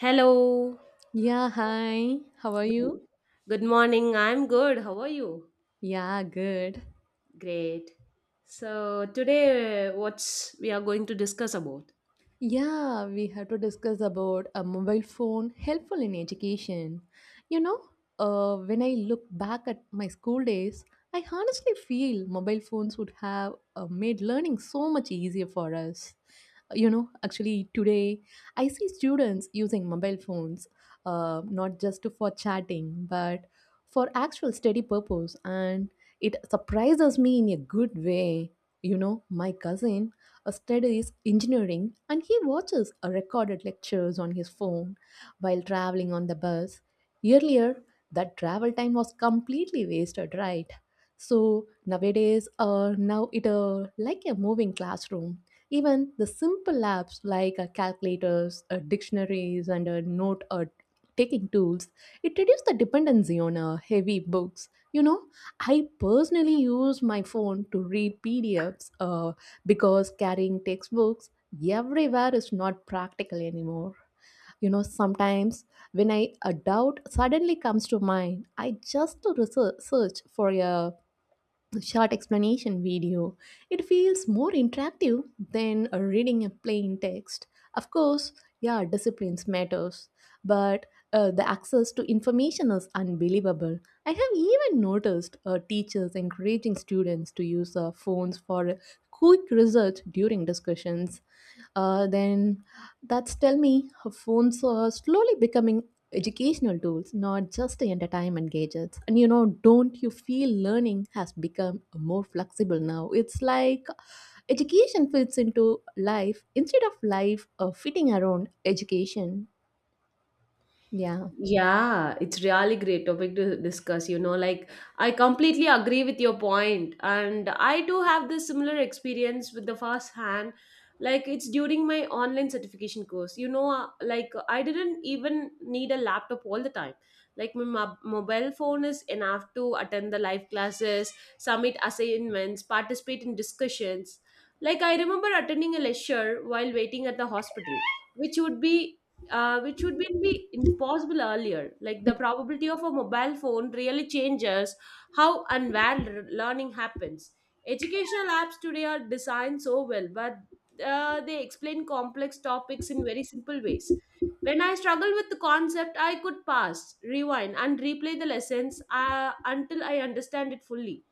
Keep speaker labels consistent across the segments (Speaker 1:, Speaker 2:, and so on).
Speaker 1: Hello.
Speaker 2: Yeah, hi. How are
Speaker 1: Good,
Speaker 2: you?
Speaker 1: good morning. I'm good. How are you?
Speaker 2: Yeah, good.
Speaker 1: Great. So today, what's we are going to discuss about?
Speaker 2: Yeah, we have to discuss about a mobile phone helpful in education. You know, when I look back at my school days, I honestly feel mobile phones would have made learning so much easier for us. You know, actually today I see students using mobile phones not just for chatting but for actual study purpose, and it surprises me in a good way. You know, my cousin studies engineering, and he watches recorded lectures on his phone while traveling on the bus. Earlier, that travel time was completely wasted, right? So nowadays, now it like a moving classroom. Even the simple apps like calculators, dictionaries, and note taking tools, it reduces the dependency on heavy books. You know, I personally use my phone to read PDFs because carrying textbooks everywhere is not practical anymore. You know, sometimes when I a doubt suddenly comes to mind, I just research search for a short explanation video. It feels more interactive than reading a plain text. Of course, yeah, disciplines matters, but the access to information is unbelievable. I have even noticed teachers encouraging students to use phones for quick research during discussions. Then that's tell me her phones are slowly becoming educational tools, not just the entertainment gadgets. And you know, don't you feel learning has become more flexible now? It's like education fits into life instead of life fitting around education. Yeah.
Speaker 1: Yeah, it's really great topic to discuss, you know, like I completely agree with your point and I do have this similar experience with the first hand like it's during my online certification course. Like I didn't even need a laptop all the time. Like my mobile phone is enough to attend the live classes, submit assignments, participate in discussions. Like I remember attending a lecture while waiting at the hospital, which would be which would been be impossible earlier. Like the probability of a mobile phone really changes how and where learning happens. Educational apps today are designed so well, but they explain complex topics in very simple ways. When I struggled with the concept, I could pause, rewind, and replay the lessons until I understand it fully.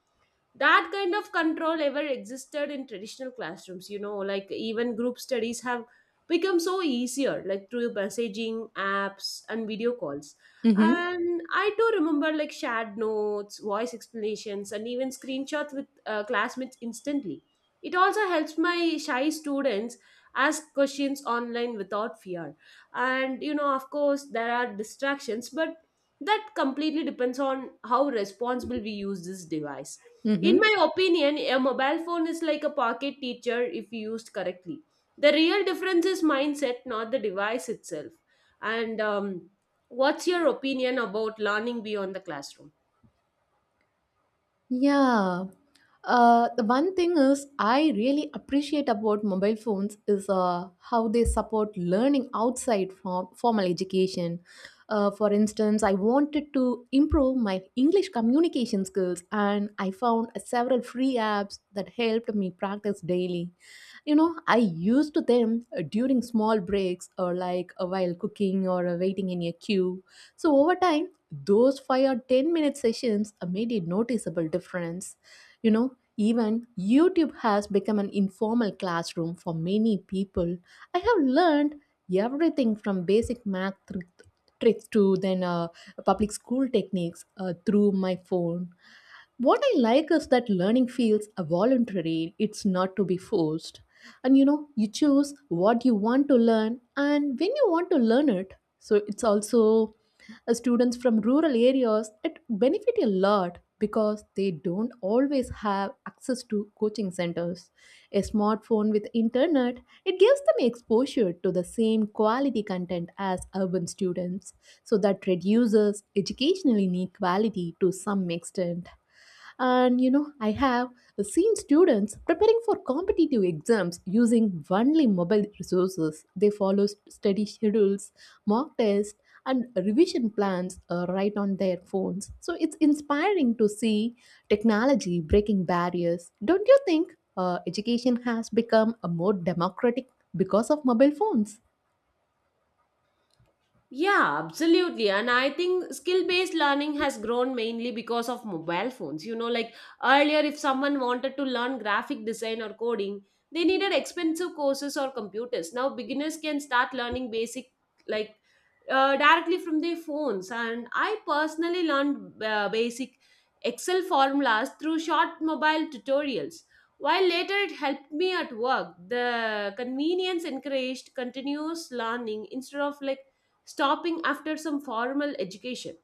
Speaker 1: That kind of control ever existed in traditional classrooms, you know, like even group studies have become so easier, like through messaging apps and video calls.
Speaker 2: Mm-hmm.
Speaker 1: And I do remember like shared notes, voice explanations, and even screenshots with classmates instantly. It also helps my shy students ask questions online without fear. And you know, of course there are distractions, but that completely depends on how responsible we use this device. In
Speaker 2: Mm-hmm.
Speaker 1: my opinion, a mobile phone is like a pocket teacher if used correctly. The real difference is mindset, not the device itself. And What's your opinion about learning beyond the classroom?
Speaker 2: Yeah. The one thing is I really appreciate about mobile phones is how they support learning outside from formal education. For instance, I wanted to improve my English communication skills, and I found several free apps that helped me practice daily. You know, I used them during small breaks or like while cooking or waiting in a queue. So over time, those 5 or 10-minute sessions made a noticeable difference. You know, even YouTube has become an informal classroom for many people. I have learned everything from basic math tricks to then public school techniques through my phone. What I like is that learning feels voluntary, it's not to be forced. And you know, you choose what you want to learn and when you want to learn it. So it's also students from rural areas, it benefit a lot because they don't always have access to coaching centers. A smartphone with internet, it gives them exposure to the same quality content as urban students, so that reduces educational inequality to some extent. And you know, I have seen students preparing for competitive exams using only mobile resources. They follow study schedules, mock tests, and revision plans are right on their phones. So it's inspiring to see technology breaking barriers. Don't you think education has become a more democratic because of mobile phones?
Speaker 1: Yeah, absolutely. And I think skill based learning has grown mainly because of mobile phones. You know, like earlier, if someone wanted to learn graphic design or coding, they needed expensive courses or computers. Now, beginners can start learning basic, like directly from their phones. And I personally learned basic Excel formulas through short mobile tutorials. While later it helped me at work, the convenience encouraged continuous learning instead of like stopping after some formal education.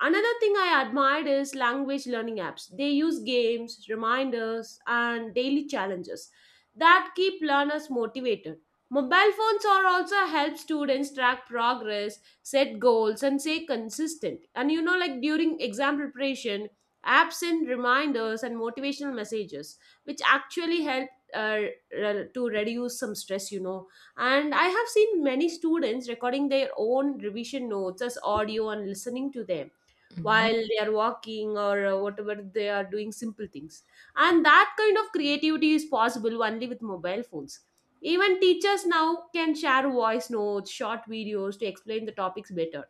Speaker 1: Another thing I admired is language learning apps. They use games, reminders, and daily challenges that keep learners motivated. Mobile phones are also help students track progress, set goals, and stay consistent. And you know, like during exam preparation, apps send reminders and motivational messages, which actually help to reduce some stress. You know, and I have seen many students recording their own revision notes as audio and listening to them
Speaker 2: Mhm.
Speaker 1: while they are walking or whatever they are doing simple things. And that kind of creativity is possible only with mobile phones. Even teachers now can share voice notes, short videos to explain the topics better.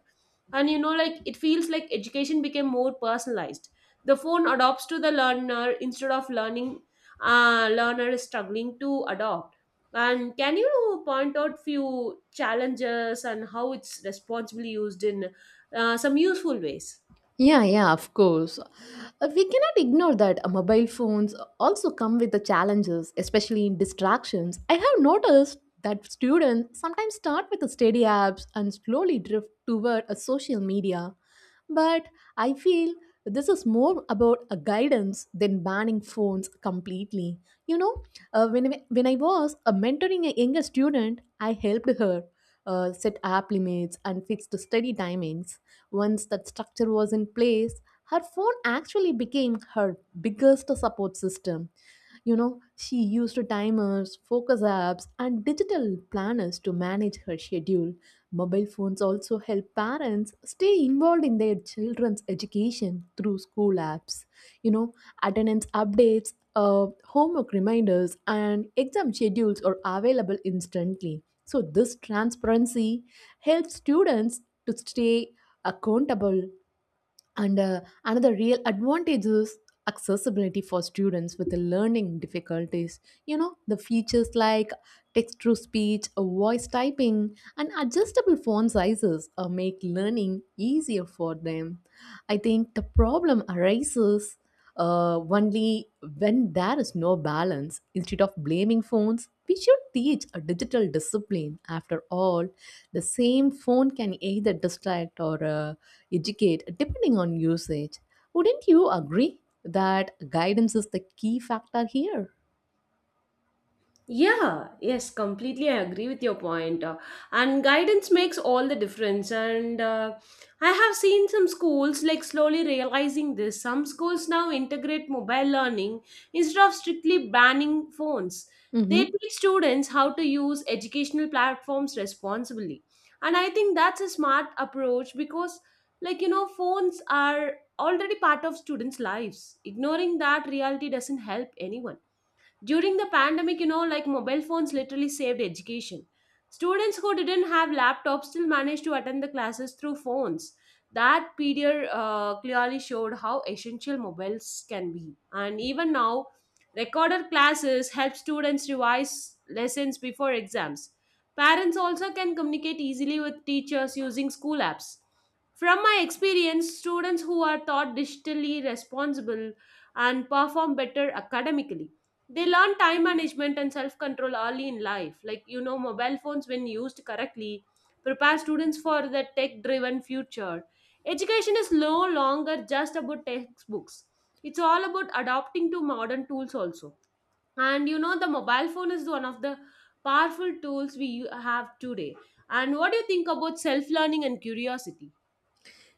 Speaker 1: And you know, like it feels like education became more personalized. The phone adopts to the learner instead of learning, learner is struggling to adopt. And can you point out few challenges and how it's responsibly used in some useful ways?
Speaker 2: Yeah, yeah, of course. We cannot ignore that mobile phones also come with the challenges, especially in distractions. I have noticed that students sometimes start with the study apps and slowly drift toward a social media. But I feel this is more about a guidance than banning phones completely. You know, when I was mentoring a younger student, I helped her set app limits and fix the study timings. Once that structure was in place, her phone actually became her biggest support system. You know, she used timers, focus apps, and digital planners to manage her schedule. Mobile phones also help parents stay involved in their children's education through school apps. You know, attendance updates, homework reminders, and exam schedules are available instantly. So this transparency helps students to stay accountable, and another real advantage is accessibility for students with learning difficulties. You know, the features like text to speech, voice typing, and adjustable font sizes make learning easier for them. I think the problem arises only when there is no balance. Instead of blaming phones, we should teach a digital discipline. After all, the same phone can either distract or educate depending on usage. Wouldn't you agree that guidance is the key factor here?
Speaker 1: Yeah, yes, completely. I agree with your point. And guidance makes all the difference. And I have seen some schools like slowly realizing this. Some schools now integrate mobile learning instead of strictly banning phones. They
Speaker 2: Mm-hmm.
Speaker 1: teach students how to use educational platforms responsibly. And I think that's a smart approach because, like, you know, phones are already part of students' lives. Ignoring that reality doesn't help anyone. During the pandemic, you know, like mobile phones literally saved education. Students who didn't have laptops still managed to attend the classes through phones. That period clearly showed how essential mobiles can be. And even now, recorded classes help students revise lessons before exams. Parents also can communicate easily with teachers using school apps. From my experience, students who are taught digitally responsible and perform better academically. They learn time management and self control early in life. Like, you know, mobile phones, when used correctly, prepare students for the tech driven future. Education is no longer just about textbooks, it's all about adapting to modern tools also. And you know, the mobile phone is one of the powerful tools we have today. And what do you think about self learning and curiosity?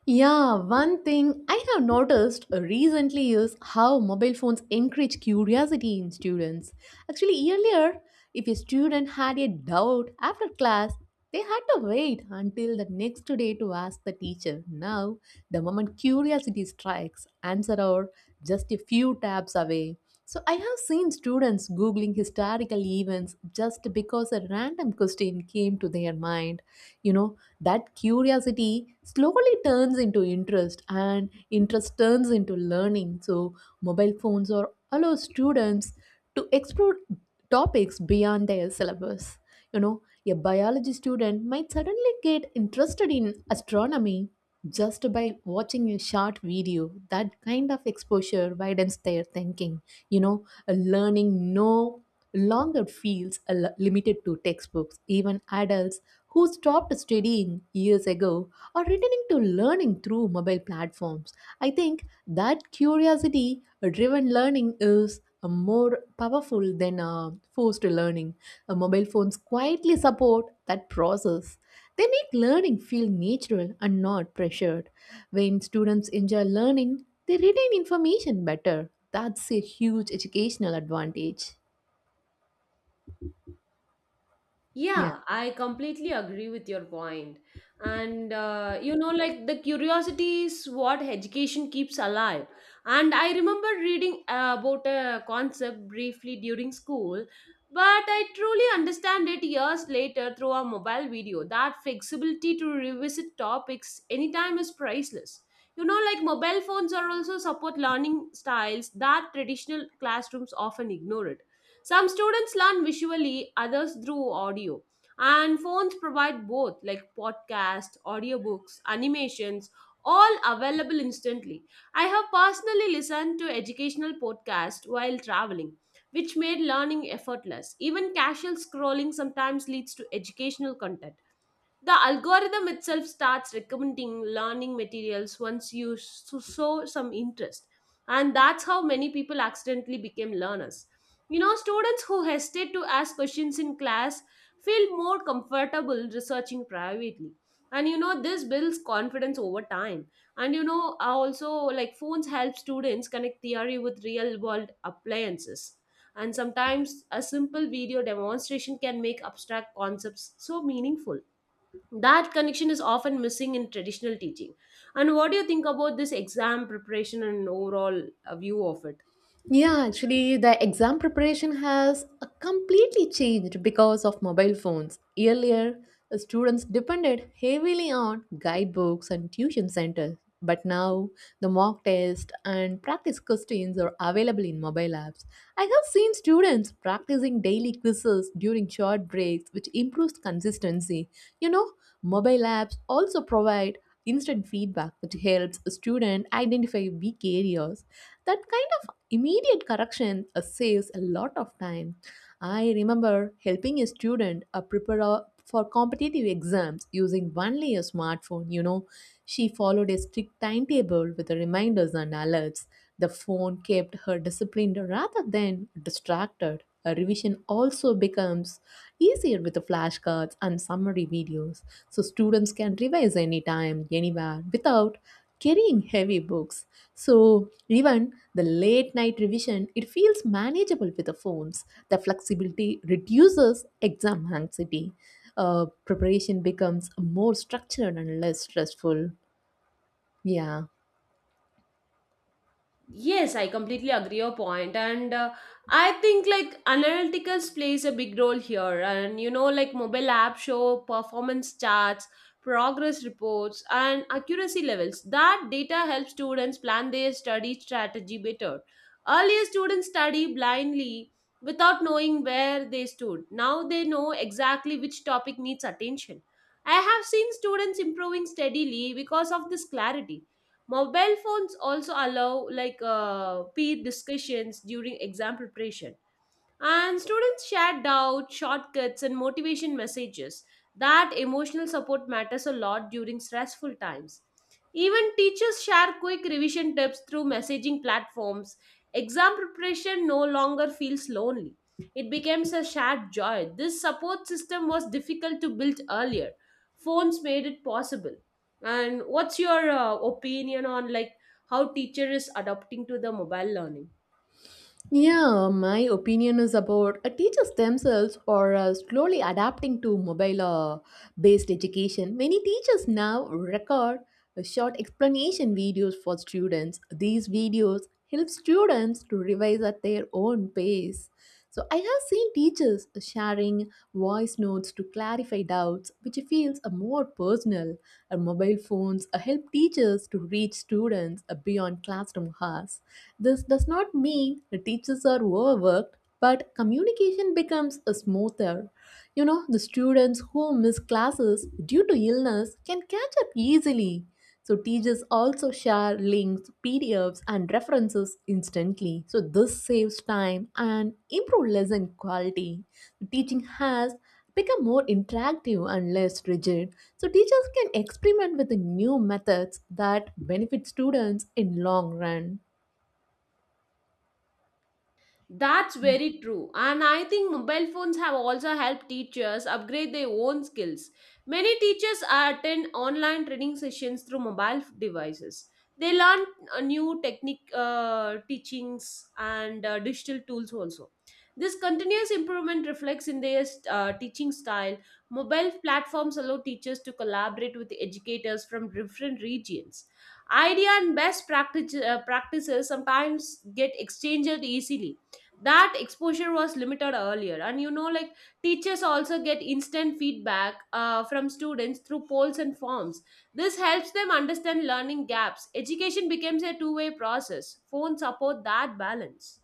Speaker 2: Yeah, one thing I have noticed recently is how mobile phones encourage curiosity in students. Actually, earlier, if a student had a doubt after class, they had to wait until the next day to ask the teacher. Now, the moment curiosity strikes, answer are just a few taps away. So I have seen students googling historical events just because a random question came to their mind. You know, that curiosity slowly turns into interest, and interest turns into learning. So mobile phones are allow students to explore topics beyond their syllabus. You know, a biology student might suddenly get interested in astronomy just by watching a short video. That kind of exposure widens their thinking. You know, a learning no longer feels a limited to textbooks. Even adults who stopped studying years ago are returning to learning through mobile platforms. I think that curiosity driven learning is more powerful than forced learning. Mobile phones quietly support that process. They make learning feel natural and not pressured. When students enjoy learning, they retain information better. That's a huge educational advantage. Yeah.
Speaker 1: Yeah, I completely agree with your point. And you know, like the curiosity is what education keeps alive. And I remember reading about a concept briefly during school, but I truly understand it years later through a mobile video. That flexibility to revisit topics anytime is priceless. You know, like mobile phones are also support learning styles that traditional classrooms often ignore it. Some students learn visually, others through audio. And phones provide both, like podcasts, audiobooks, animations, all available instantly. I have personally listened to educational podcasts while traveling, which made learning effortless. Even casual scrolling sometimes leads to educational content. The algorithm itself starts recommending learning materials once you show some interest. And that's how many people accidentally became learners. You know, students who hesitate to ask questions in class feel more comfortable researching privately. And you know, this builds confidence over time. And you know, also, like phones help students connect theory with real world appliances. And sometimes a simple video demonstration can make abstract concepts so meaningful. That connection is often missing in traditional teaching. And what do you think about this exam preparation and overall view of it?
Speaker 2: Yeah, actually, the exam preparation has completely changed because of mobile phones. Earlier, the students depended heavily on guidebooks and tuition centers, but now the mock test and practice questions are available in mobile apps. I have seen students practicing daily quizzes during short breaks, which improves consistency. You know, mobile apps also provide instant feedback, which helps a student identify weak areas. That kind of immediate correction saves a lot of time. I remember helping a student prepare for competitive exams using only a smartphone. You know, she followed a strict timetable with reminders and alerts. The phone kept her disciplined rather than distracted. A revision also becomes easier with the flashcards and summary videos, so students can revise anytime, anywhere, without carrying heavy books. So even the late night revision, it feels manageable with the phones. The flexibility reduces exam anxiety. Preparation becomes more structured and less stressful. Yeah.
Speaker 1: Yes, I completely agree your point, and I think like analytics plays a big role here. And you know, like mobile app show performance charts, progress reports, and accuracy levels. That data helps students plan their study strategy better. Earlier, students study blindly without knowing where they stood. Now they know exactly which topic needs attention. I have seen students improving steadily because of this clarity. Mobile phones also allow like peer discussions during exam preparation. And students shared doubts, shortcuts, and motivation messages. That emotional support matters a lot during stressful times. Even teachers share quick revision tips through messaging platforms. Exam preparation no longer feels lonely. It becomes a shared joy. This support system was difficult to build earlier. Phones made it possible. And what's your opinion on like how teacher is adapting to the mobile learning?
Speaker 2: Yeah, my opinion is about teachers themselves are slowly adapting to mobile based education. Many teachers now record short explanation videos for students. These videos help students to revise at their own pace. So I have seen teachers sharing voice notes to clarify doubts, which feels more personal. Our mobile phones help teachers to reach students beyond classroom hours. This does not mean the teachers are overworked, but communication becomes smoother. You know, the students who miss classes due to illness can catch up easily. So teachers also share links, PDFs, and references instantly. So this saves time and improves lesson quality. Teaching has become more interactive and less rigid. So teachers can experiment with the new methods that benefit students in long run.
Speaker 1: That's very true. And I think mobile phones have also helped teachers upgrade their own skills. Many teachers attend online training sessions through mobile devices. They learn new technique teachings and digital tools also. This continuous improvement reflects in their teaching style. Mobile platforms allow teachers to collaborate with educators from different regions. Idea and best practices sometimes get exchanged easily. That exposure was limited earlier. And you know, like teachers also get instant feedback from students through polls and forms. This helps them understand learning gaps. Education becomes a two-way process. Phones support that balance.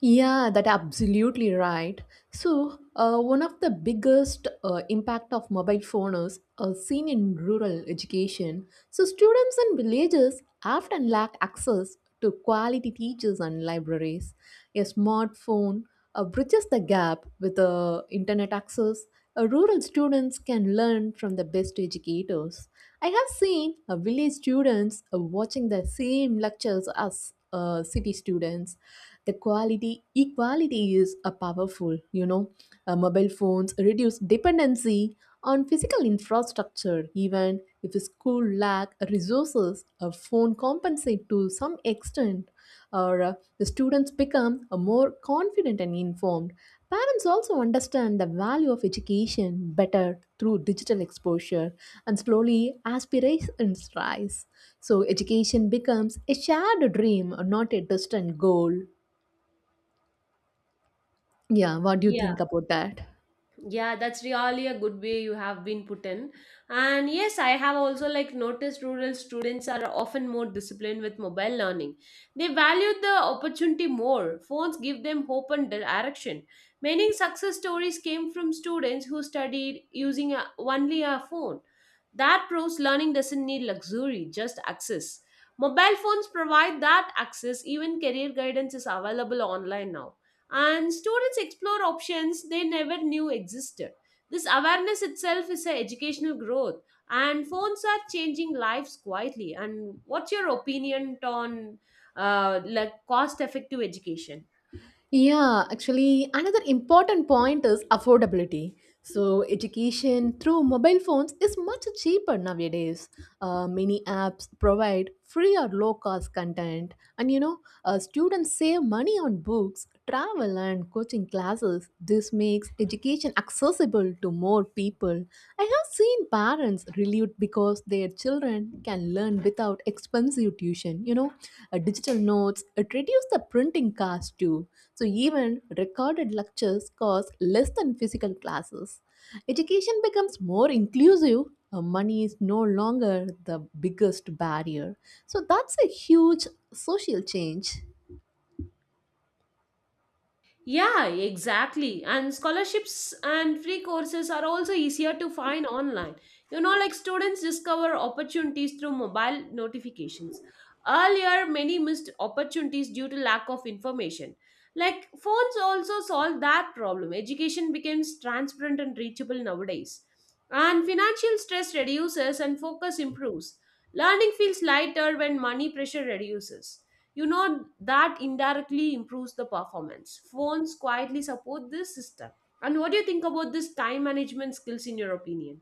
Speaker 2: Yeah, that absolutely right. So, one of the biggest impact of mobile phone is seen in rural education. So students in villages often lack access to quality teachers and libraries. A smartphone bridges the gap with internet access. Rural students can learn from the best educators. I have seen village students watching the same lectures as city students. The quality equality is a powerful, you know. Mobile phones reduce dependency on physical infrastructure. Even if a school lack resources, a phone compensate to some extent. Or the students become more confident and informed. Parents also understand the value of education better through digital exposure, and slowly aspirations rise. So education becomes a shared dream, not a distant goal. Yeah, what do you
Speaker 1: Yeah.
Speaker 2: think about that?
Speaker 1: Yeah, that's really a good way you have been put in. And yes, I have also like noticed rural students are often more disciplined with mobile learning. They value the opportunity more. Phones give them hope and direction. Many success stories came from students who studied using only a phone. That proves learning doesn't need luxury, just access. Mobile phones provide that access, even career guidance is available online now. And students explore options they never knew existed. This awareness itself is an educational growth, and phones are changing lives quietly. And what's your opinion on like cost-effective education?
Speaker 2: Yeah, actually, another important point is affordability. So education through mobile phones is much cheaper nowadays. Many apps provide free or low cost content, and you know, students save money on books, travel, and coaching classes. This makes education accessible to more people. I have seen parents relieved because their children can learn without expensive tuition. You know, digital notes, it reduced the printing cost too. So even recorded lectures cost less than physical classes. Education becomes more inclusive. Money is no longer the biggest barrier. So that's a huge social change.
Speaker 1: Yeah, exactly. And scholarships and free courses are also easier to find online. You know, like students discover opportunities through mobile notifications. Earlier, many missed opportunities due to lack of information. Like phones also solve that problem. Education becomes transparent and reachable nowadays. And financial stress reduces and focus improves. Learning feels lighter when money pressure reduces. You know, that indirectly improves the performance. Phones quietly support this system. And what do you think about this time management skills in your opinion?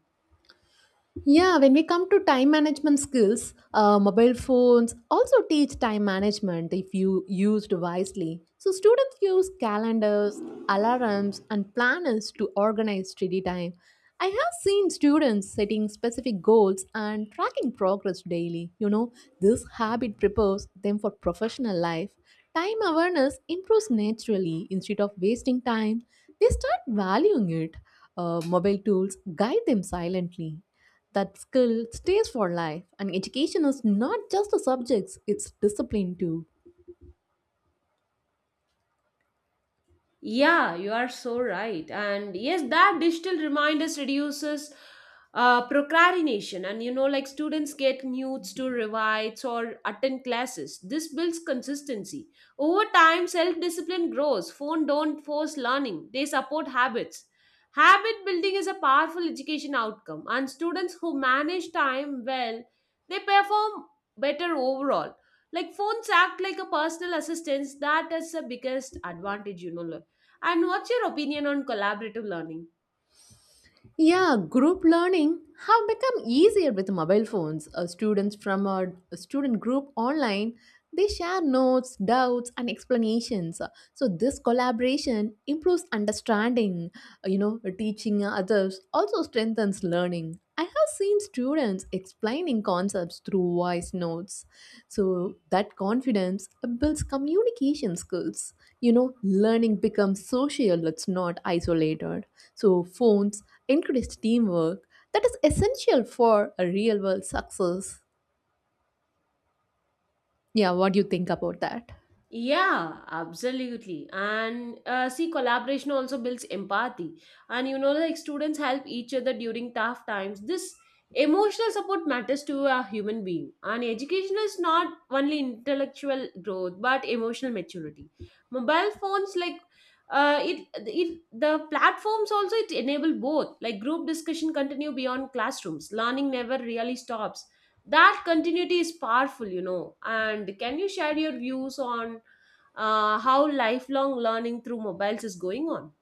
Speaker 2: Yeah, when we come to time management skills, mobile phones also teach time management if you used wisely. So students use calendars, alarms, and planners to organize study time. I have seen students setting specific goals and tracking progress daily. You know, this habit prepares them for professional life. Time awareness improves naturally. Instead of wasting time, they start valuing it. Mobile tools guide them silently. That skill stays for life, and education is not just the subjects, it's discipline too.
Speaker 1: Yeah, you are so right. And yes, that digital reminders reduces procrastination. And you know, like students get nudes to revise or attend classes. This builds consistency. Over time, self discipline grows. Phone don't force learning, they support habits. Habit building is a powerful education outcome, and students who manage time well, they perform better overall. Like phones act like a personal assistance. That is the biggest advantage, you know. And what's your opinion on collaborative learning?
Speaker 2: Yeah, group learning have become easier with mobile phones. Students from a student group online, they share notes, doubts and explanations. So this collaboration improves understanding. Teaching others also strengthens learning. I have seen students explaining concepts through voice notes. So that confidence builds communication skills. You know, learning becomes social, it's not isolated. So phones increased teamwork that is essential for a real world success. Yeah, what do you think about that?
Speaker 1: Yeah, absolutely. And see, collaboration also builds empathy. And you know, like students help each other during tough times. This emotional support matters to a human being. And education is not only intellectual growth, but emotional maturity. Mobile phones, like the platforms also it enable both. Like group discussion continue beyond classrooms. Learning never really stops. That continuity is powerful, you know. And can you share your views on how lifelong learning through mobiles is going on?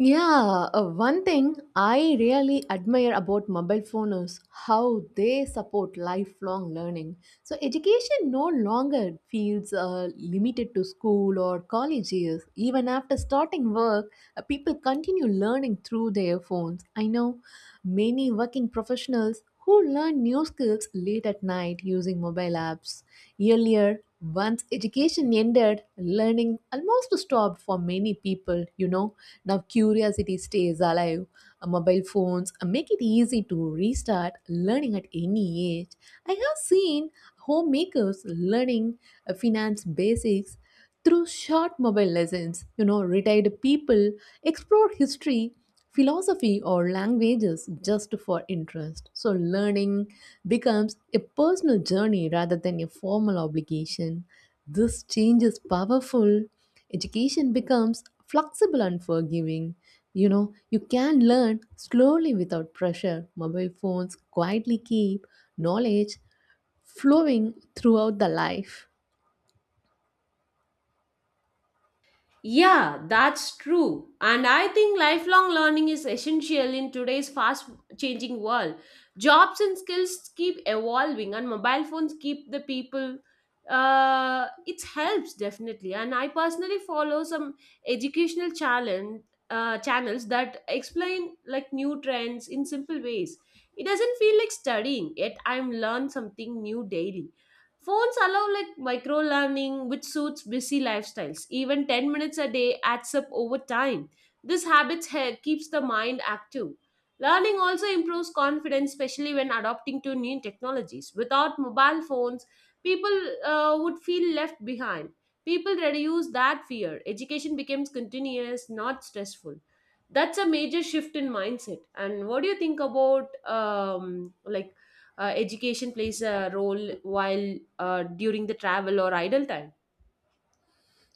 Speaker 2: Yeah, one thing I really admire about mobile phone is how they support lifelong learning. So education no longer feels limited to school or college years. Even after starting work, people continue learning through their phones. I know many working professionals who learn new skills late at night using mobile apps. Earlier, once education ended, learning almost stopped for many people, you know. Now curiosity stays alive. Mobile phones make it easy to restart learning at any age. I have seen homemakers learning finance basics through short mobile lessons. You know, retired people explore history, philosophy, or languages just for interest. So, learning becomes a personal journey rather than a formal obligation. This change is powerful. Education becomes flexible and forgiving. You know, you can learn slowly without pressure. Mobile phones quietly keep knowledge flowing throughout the life.
Speaker 1: Yeah, that's true. And I think lifelong learning is essential in today's fast changing world. Jobs and skills keep evolving, and mobile phones keep the people. It helps definitely. And I personally follow some educational channels that explain like new trends in simple ways. It doesn't feel like studying, yet I'm learn something new daily. Phones allow like micro learning, which suits busy lifestyles. Even 10 minutes a day adds up over time. This habit keeps the mind active. Learning also improves confidence, especially when adopting to new technologies. Without mobile phones, people would feel left behind. People reduce that fear. Education becomes continuous, not stressful. That's a major shift in mindset. And what do you think about like education plays a role while during the travel or idle time?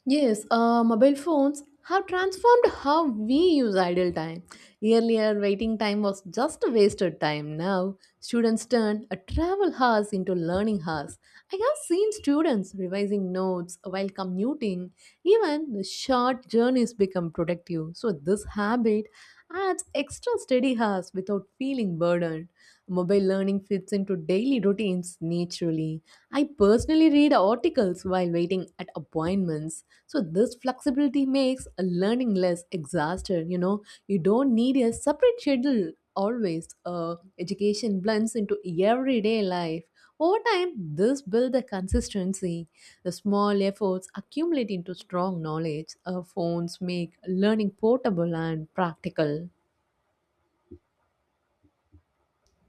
Speaker 2: Yes, mobile phones have transformed how we use idle time. Earlier, waiting time was just wasted time. Now, students turn a travel hours into learning hours. I have seen students revising notes while commuting. Even the short journeys become productive. So, this habit adds extra study hours without feeling burdened. Mobile learning fits into daily routines naturally. I personally read articles while waiting at appointments. So this flexibility makes a learning less exhausted, you know. You don't need a separate schedule always. Education blends into everyday life. Over time, this builds a consistency. The small efforts accumulate into strong knowledge. Phones make learning portable and practical.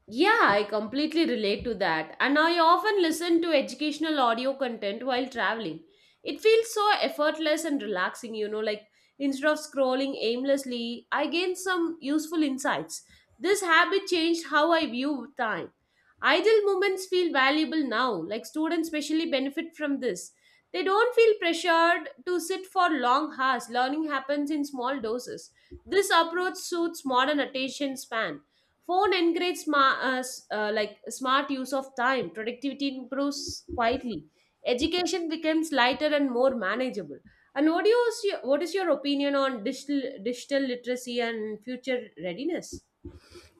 Speaker 1: Yeah, I completely relate to that. And I often listen to educational audio content while traveling. It feels so effortless and relaxing, you know, like instead of scrolling aimlessly, I gain some useful insights. This habit changed how I view time. Idle moments feel valuable now, like students especially benefit from this. They don't feel pressured to sit for long hours. Learning happens in small doses. This approach suits modern attention span. Phone encourages smart, like smart use of time. Productivity improves quietly. Education becomes lighter and more manageable. And what do what is your opinion on digital literacy and future readiness?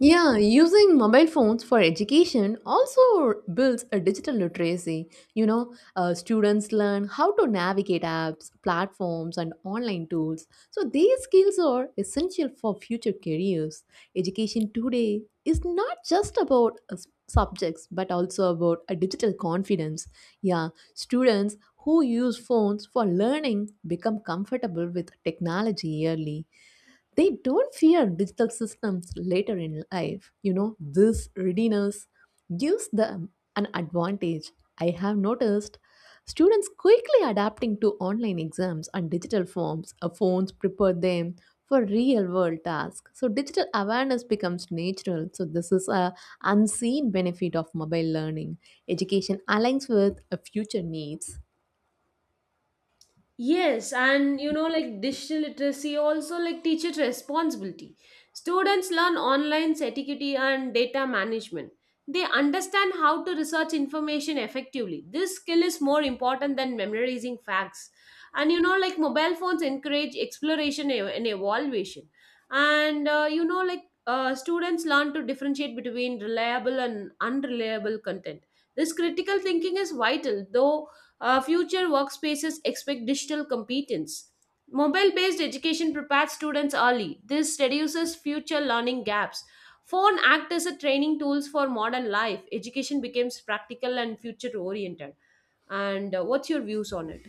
Speaker 2: Yeah, using mobile phones for education also builds a digital literacy. Students learn how to navigate apps, platforms, and online tools. So, these skills are essential for future careers. Education today is not just about subjects but also about a digital confidence. Yeah, students who use phones for learning become comfortable with technology early, they don't fear digital systems later in life. You know, this readiness gives them an advantage. I have noticed students quickly adapting to online exams and digital forms. Phones prepare them for real world tasks. So, digital awareness becomes natural. So, this is a unseen benefit of mobile learning. Education aligns with a future needs.
Speaker 1: Yes, and you know, like digital literacy also like teacher responsibility. Students learn online etiquette and data management. They understand how to research information effectively. This skill is more important than memorizing facts. And you know, like mobile phones encourage and evaluation. And you know, like students learn to differentiate between reliable and unreliable content. This critical thinking is vital, though future workspaces expect digital competence. Mobile based education prepares students early. This reduces future learning gaps. Phone act as a training tools for modern life. Education becomes practical and future oriented. And what's your views on it?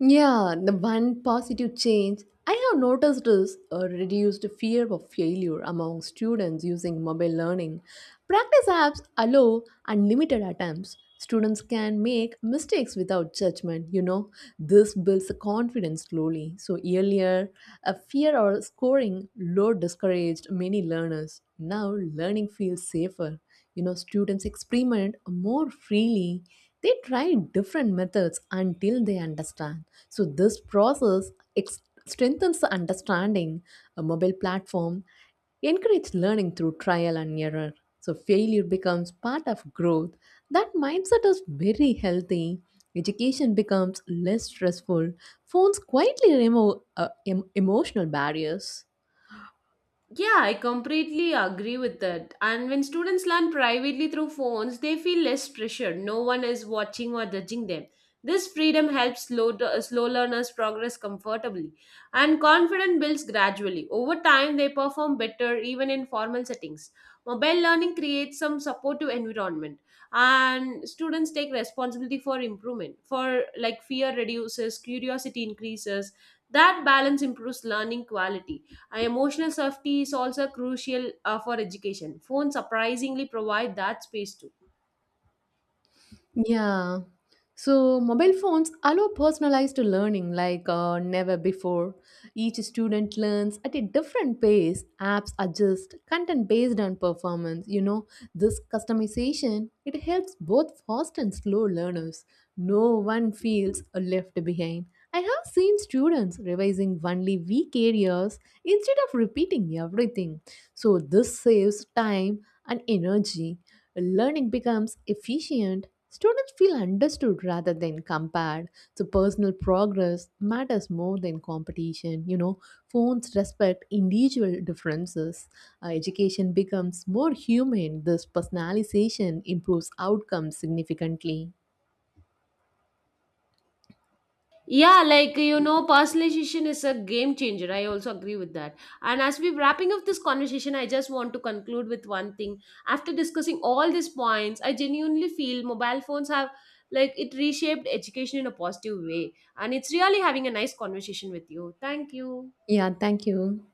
Speaker 2: Yeah, the one positive change I have noticed is a reduced fear of failure among students using mobile learning. Practice apps allow unlimited attempts. Students can make mistakes without judgment, you know. This builds confidence slowly. So, earlier, a fear or scoring low discouraged many learners. Now, learning feels safer. You know, students experiment more freely. They try different methods until they understand. So, this strengthens the understanding. A mobile platform encourage learning through trial and error. So, failure becomes part of growth. That mindset is very healthy. Education becomes less stressful. Phones quietly remove emotional barriers.
Speaker 1: Yeah, I completely agree with that. And when students learn privately through phones, they feel less pressure. No one is watching or judging them. This freedom helps slow learners progress comfortably, and confidence builds gradually. Over time, they perform better even in formal settings. Mobile learning creates some supportive environment, and students take responsibility for improvement. For like fear reduces, curiosity increases. That balance improves learning quality. Emotional safety is also crucial for education. Phones surprisingly provide that space too.
Speaker 2: Yeah. So mobile phones allow personalized learning like never before. Each student learns at a different pace. Apps adjust content based on performance. You know, this customization it helps both fast and slow learners. No one feels left behind. I have seen students revising only weak areas instead of repeating everything. So this saves time and energy, learning becomes efficient, students feel understood rather than compared. So, personal progress matters more than competition. You know, phones respect individual differences. Education becomes more human. This personalization improves outcomes significantly.
Speaker 1: Yeah, like you know, personalization is a game changer. I also agree with that. And as we wrapping up this conversation, I just want to conclude with one thing. After discussing all these points, I genuinely feel mobile phones have like it reshaped education in a positive way. And it's really having a nice conversation with you. Thank you.
Speaker 2: Yeah, thank you.